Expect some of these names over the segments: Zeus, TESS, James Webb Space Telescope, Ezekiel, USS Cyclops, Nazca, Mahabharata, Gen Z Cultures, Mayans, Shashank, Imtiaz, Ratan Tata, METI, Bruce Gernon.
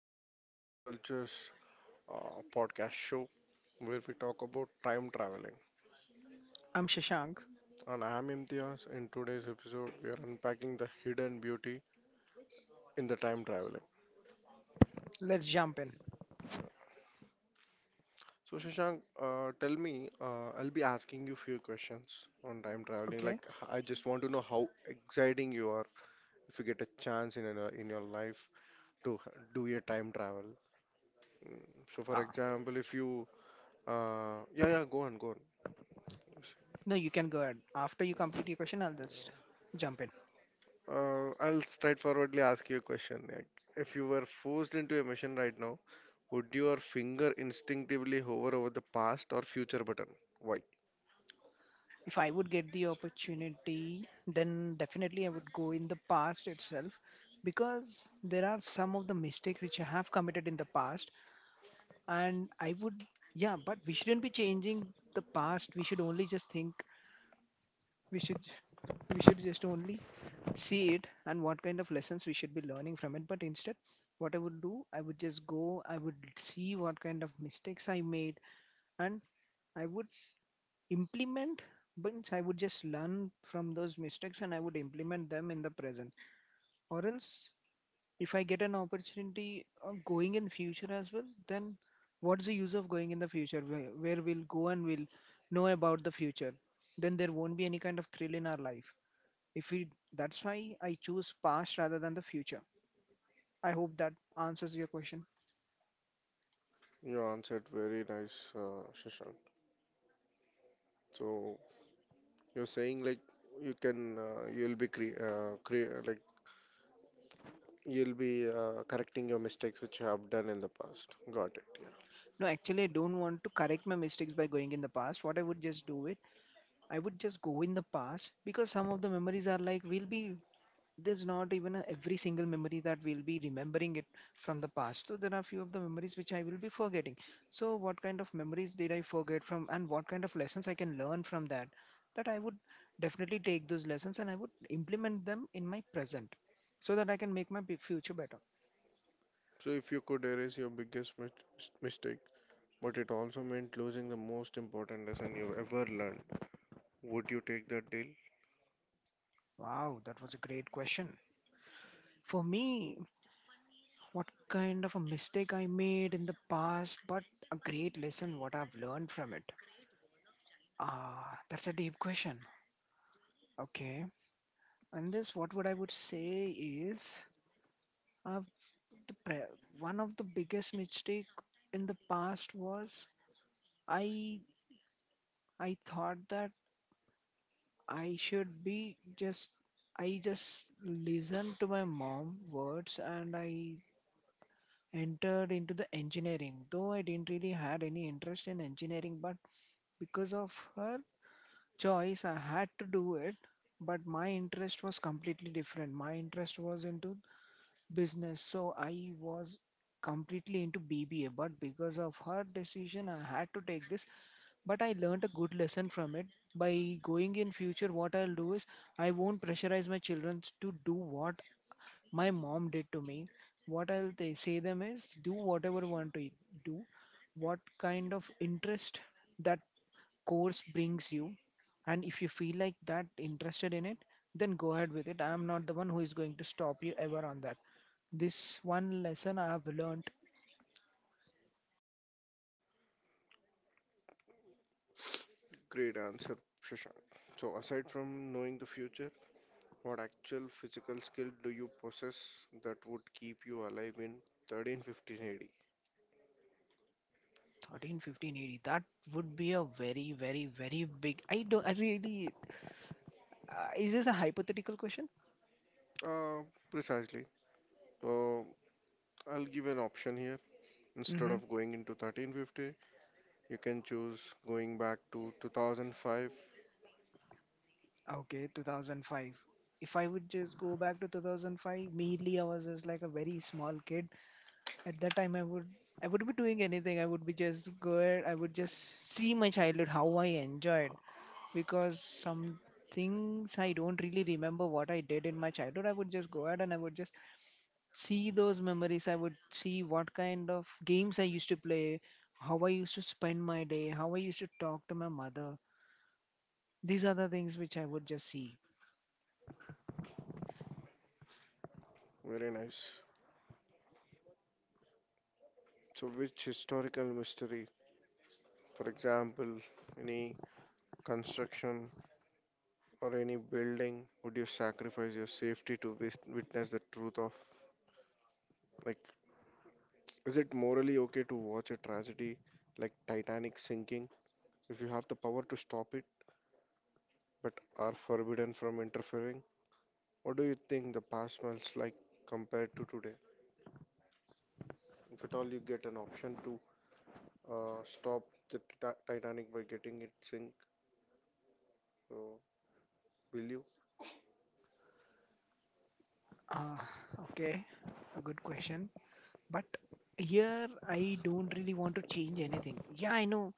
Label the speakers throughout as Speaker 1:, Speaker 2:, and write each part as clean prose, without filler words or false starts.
Speaker 1: to Gen Z Cultures podcast show where we talk about time traveling.
Speaker 2: I'm Shashank.
Speaker 1: And I am Imtiaz. In today's episode, we are unpacking the hidden beauty in the time traveling.
Speaker 2: Let's jump in.
Speaker 1: So Shashank, tell me, I'll be asking you few questions on time traveling.
Speaker 2: Okay.
Speaker 1: Like I just want to know how exciting you are if you get a chance in your life to do a time travel. So for
Speaker 2: Ah,
Speaker 1: example, if you, yeah, go on.
Speaker 2: no, you can go ahead. After you complete your question, I'll just jump in.
Speaker 1: I'll straightforwardly ask you a question. Like, if you were forced into a mission right now, would your finger instinctively hover over the past or future button? Why?
Speaker 2: If I would get the opportunity, then definitely I would go in the past itself because there are some of the mistakes which I have committed in the past, and yeah, but we shouldn't be changing the past. We should only just think, we should we should just only see it and what kind of lessons we should be learning from it. But instead, what I would do, I would just go, I would see what kind of mistakes I made, and I would implement but I would just learn from those mistakes and I would implement them in the present. Or else, if I get an opportunity of going in future as well, then what's the use of going in the future where we'll go and we'll know about the future? Then there won't be any kind of thrill in our life. If we, That's why I choose past rather than the future. I hope that answers your question.
Speaker 1: You answered very nice, Shashank. So you're saying like you can you'll be cre cre like you'll be correcting your mistakes which you have done in the past. Got it. Yeah.
Speaker 2: No, actually, I don't want to correct my mistakes by going in the past. What I would just do it, I would just go in the past because some of the memories are like we'll be there's not even every single memory that we'll be remembering it from the past. So there are few of the memories which I will be forgetting. So what kind of memories did I forget from and what kind of lessons I can learn from that, that I would definitely take those lessons and I would implement them in my present so that I can make my future better.
Speaker 1: So if you could erase your biggest mistake, but it also meant losing the most important lesson you ever learned, would you take that deal?
Speaker 2: Wow, that was a great question. For me, what kind of a mistake I made in the past but a great lesson what I've learned from it? That's a deep question. Okay. And this, what would I would say is, uh, the pre- one of the biggest mistake in the past was, I I thought that I should be just I just listened to my mom words and I entered into the engineering. Though I didn't really had any interest in engineering, but because of her choice, I had to do it. But my interest was completely different. My interest was into business. So I was completely into bba, but because of her decision I had to take this. But I learned a good lesson from it. By going in future, what I'll do is I won't pressurize my children to do what my mom did to me. What say them is do whatever you want to do, what kind of interest that course brings you, and if you feel like that interested in it, then go ahead with it. I am not the one who is going to stop you ever on that. This one lesson I have learned.
Speaker 1: Great answer, Shashank. So, aside from knowing the future, what actual physical skill do you possess that would keep you alive in 1315 AD?
Speaker 2: 13 15 80, that would be a very very very big. I don't I really Is this a hypothetical question?
Speaker 1: Uh, precisely. Uh, I'll give an option here. Instead
Speaker 2: Mm-hmm.
Speaker 1: of going into 1350, you can choose going back to 2005.
Speaker 2: Okay, 2005. If I would just go back to 2005, immediately I was just like a very small kid. At that time, I would be doing anything. I would be just go. I would just see my childhood, how I enjoyed, because some things I don't really remember what I did in my childhood. I would just go out and I would just see those memories. I would see what kind of games I used to play, how I used to spend my day, how I used to talk to my mother. These are the things which I would just see.
Speaker 1: Very nice. So, which historical mystery, for example, any construction or any building, would you sacrifice your safety to witness the truth of? Like, is it morally okay to watch a tragedy like Titanic sinking if you have the power to stop it but are forbidden from interfering? What do you think the past smells like compared to today? If at all you get an option to stop the Titanic by getting it sink, so will you?
Speaker 2: Uh, okay, a good question. But here I don't really want to change anything. Yeah, I know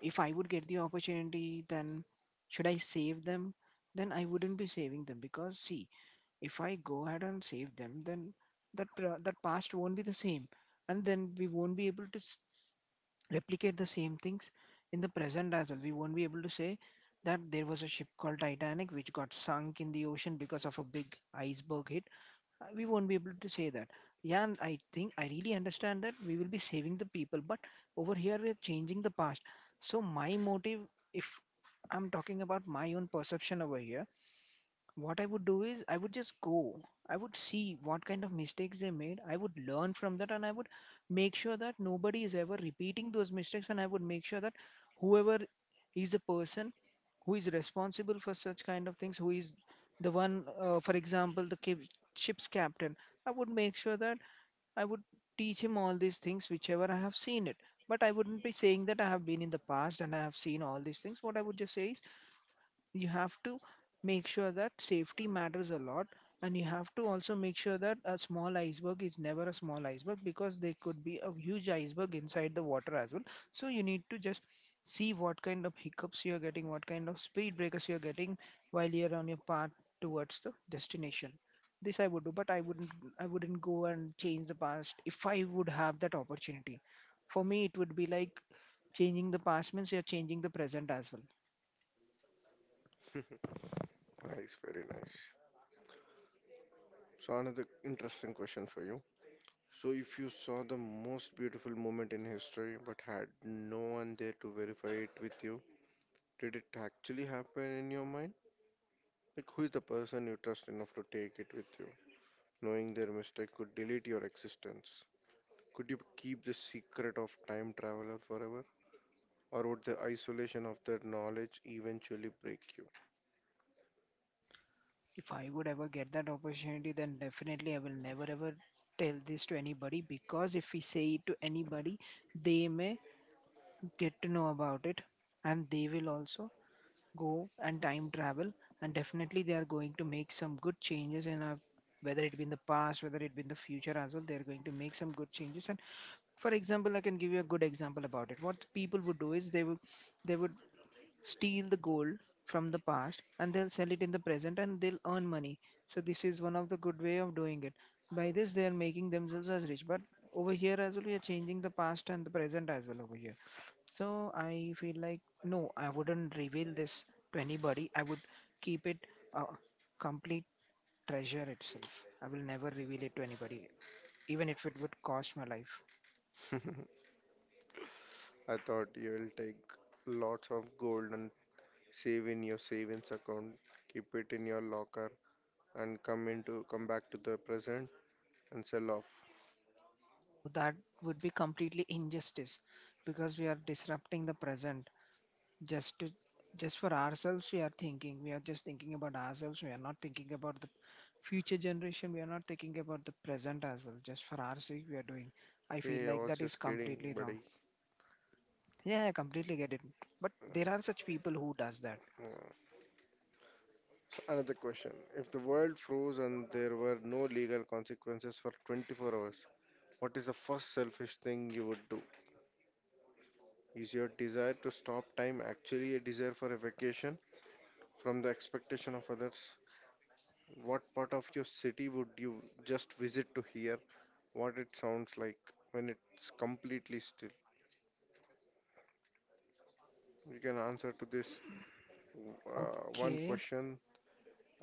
Speaker 2: if I would get the opportunity, then should I save them? Then I wouldn't be saving them because see, if I go ahead and save them, then that past won't be the same, and then we won't be able to replicate the same things in the present as well. We won't be able to say that there was a ship called Titanic which got sunk in the ocean because of a big iceberg hit. We won't be able to say that. Yeah, and I think I really understand that we will be saving the people, but over here we are changing the past. So my motive, if I'm talking about my own perception over here, what I would do is I would just go, I would see what kind of mistakes they made, I would learn from that and I would make sure that nobody is ever repeating those mistakes. And I would make sure that whoever is a person who is responsible for such kind of things, who is the one, for example, the ship's captain, I would make sure that I would teach him all these things whichever I have seen it. But I wouldn't be saying that I have been in the past and I have seen all these things. What I would just say is, you have to make sure that safety matters a lot, and you have to also make sure that a small iceberg is never a small iceberg because there could be a huge iceberg inside the water as well. So you need to just see what kind of hiccups you're getting, what kind of speed breakers you're getting while you're on your path towards the destination. This I would do, but I wouldn't go and change the past if I would have that opportunity. For me, it would be like changing the past means you're changing the present as well.
Speaker 1: Nice, very nice. So another interesting question for you. So if you saw the most beautiful moment in history but had no one there to verify it with you, did it actually happen in your mind? Like, who is the person you trust enough to take it with you? Knowing their mistake could delete your existence. Could you keep the secret of time traveler forever? Or would the isolation of that knowledge eventually break you?
Speaker 2: If I would ever get that opportunity, then definitely I will never ever tell this to anybody because if we say it to anybody, they may get to know about it, and they will also go and time travel. And definitely they are going to make some good changes in our, whether it be in the past, whether it be in the future as well, they are going to make some good changes. And for example, I can give you a good example about it. What people would do is, they would steal the gold from the past and they'll sell it in the present and they'll earn money. So this is one of the good way of doing it. By this, they are making themselves as rich. But over here as well, we are changing the past and the present as well over here. So I feel like no, I wouldn't reveal this to anybody. I would keep it a complete treasure itself. I will never reveal it to anybody, even if it would cost my life.
Speaker 1: I thought you will take lots of gold and save in your savings account, keep it in your locker, and come back to the present and sell off.
Speaker 2: No, that would be completely injustice because we are disrupting the present, just to, just for ourselves. We are just thinking about ourselves. We are not thinking about the future generation. We are not thinking about the present as well. Just for our sake we are doing. I feel
Speaker 1: Hey, I
Speaker 2: like
Speaker 1: was
Speaker 2: that is
Speaker 1: just kidding,
Speaker 2: completely wrong.
Speaker 1: buddy.
Speaker 2: Yeah, I completely get it, but there are such people who does that.
Speaker 1: So another question. If the world froze and there were no legal consequences for 24 hours, what is the first selfish thing you would do? Is your desire to stop time actually a desire for a vacation from the expectation of others? What part of your city would you just visit to hear what it sounds like when it's completely still? You can answer to this one
Speaker 2: Okay.
Speaker 1: question,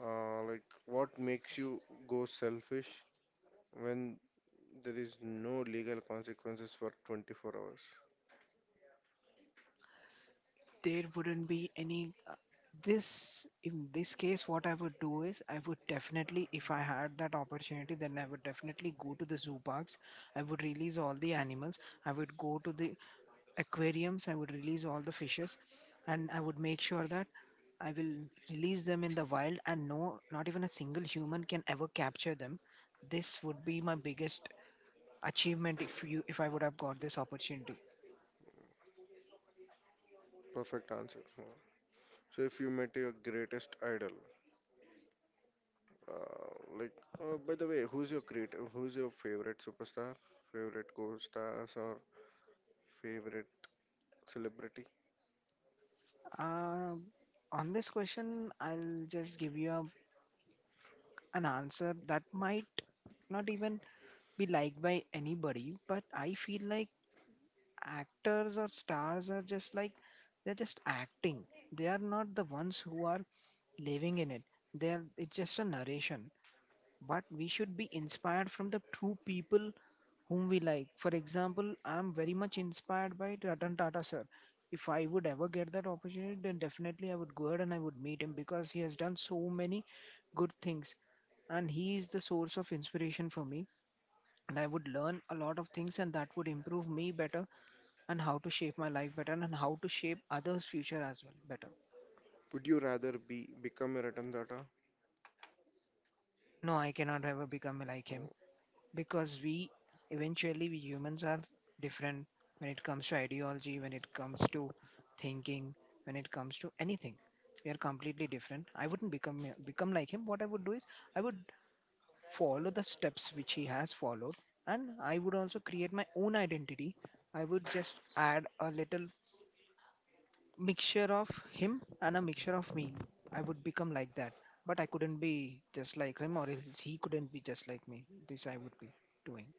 Speaker 1: like what makes you go selfish when there is no legal consequences for 24 hours.
Speaker 2: There wouldn't be any this, in this case what I would do is, I would definitely, if I had that opportunity, then I would definitely go to the zoo parks. I would release all the animals. I would go to the aquariums. I would release all the fishes. And I would make sure that I will release them in the wild and no, not even a single human can ever capture them. This would be my biggest achievement if I would have got this opportunity.
Speaker 1: Perfect answer. So if you met your greatest idol, uh, like by the way, who's your who's your favorite superstar, favorite co-stars, or favorite celebrity?
Speaker 2: uh, on this question, I'll just give you an answer that might not even be liked by anybody, but I feel like actors or stars are just like they're just acting. They are not the ones who are living in it. There, it's just a narration, but we should be inspired from the true people whom we like. For example, I'm very much inspired by Ratan Tata sir. If I would ever get that opportunity, then definitely I would go ahead and I would meet him because he has done so many good things and he is the source of inspiration for me. And I would learn a lot of things, and that would improve me better and how to shape my life better and how to shape others' future as well better.
Speaker 1: Would you rather be become a Ratan Tata?
Speaker 2: No, I cannot ever become like
Speaker 1: Uh,
Speaker 2: him because we eventually we humans are different when it comes to ideology, when it comes to thinking, when it comes to anything, we are completely different. I wouldn't become like him. What I would do is I would follow the steps which he has followed, and I would also create my own identity. I would just add a little mixture of him and a mixture of me. I would become like that. But I couldn't be just like him, or else he couldn't be just like me. This I would be doing.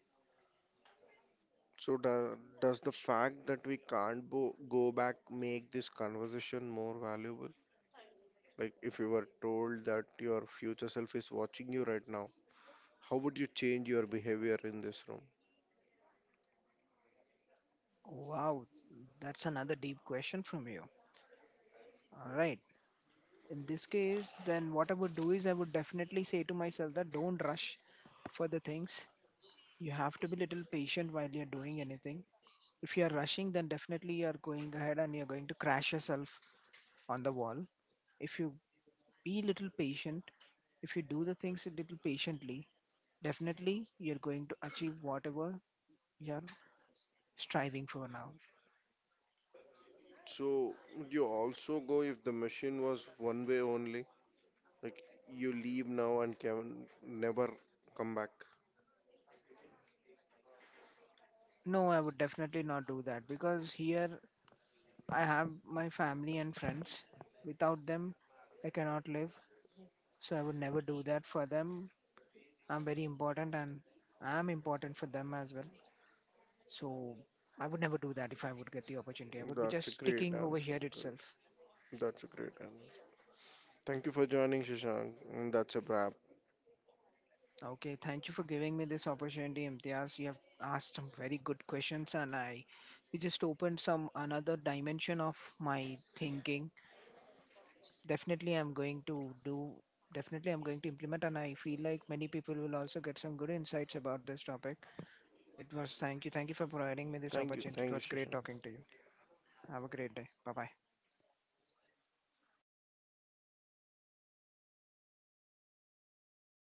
Speaker 1: So does the fact that we can't go back make this conversation more valuable? Like if you were told that your future self is watching you right now, how would you change your behavior in this room?
Speaker 2: Wow, that's another deep question from you. All right. In this case, then what I would do is I would definitely say to myself that don't rush for the things. You have to be little patient while you're doing anything. If you're rushing, then definitely you're going ahead and you're going to crash yourself on the wall. If you be little patient, if you do the things a little patiently, definitely you're going to achieve whatever you're striving for now.
Speaker 1: So would you also go if the machine was one way only? Like you leave now and can never come back.
Speaker 2: No, I would definitely not do that because here I have my family and friends. Without them, I cannot live. So I would never do that for them. I'm very important and I'm important for them as well. So I would never do that if I would get the opportunity. I would be
Speaker 1: That's a
Speaker 2: just
Speaker 1: great
Speaker 2: sticking over
Speaker 1: answer.
Speaker 2: here
Speaker 1: Great.
Speaker 2: itself.
Speaker 1: That's a great answer. Thank you for joining, Shashank. And that's a wrap.
Speaker 2: Okay, thank you for giving me this opportunity, Imtiaz. You have asked some very good questions, and I you just opened some another dimension of my thinking. Definitely, I'm going to do. Definitely, I'm going to implement, and I feel like many people will also get some good insights about this topic. It was Thank you, thank you for providing me this opportunity. It
Speaker 1: Thank you,
Speaker 2: was great
Speaker 1: Shashank.
Speaker 2: talking to you. Have a great day. Bye bye.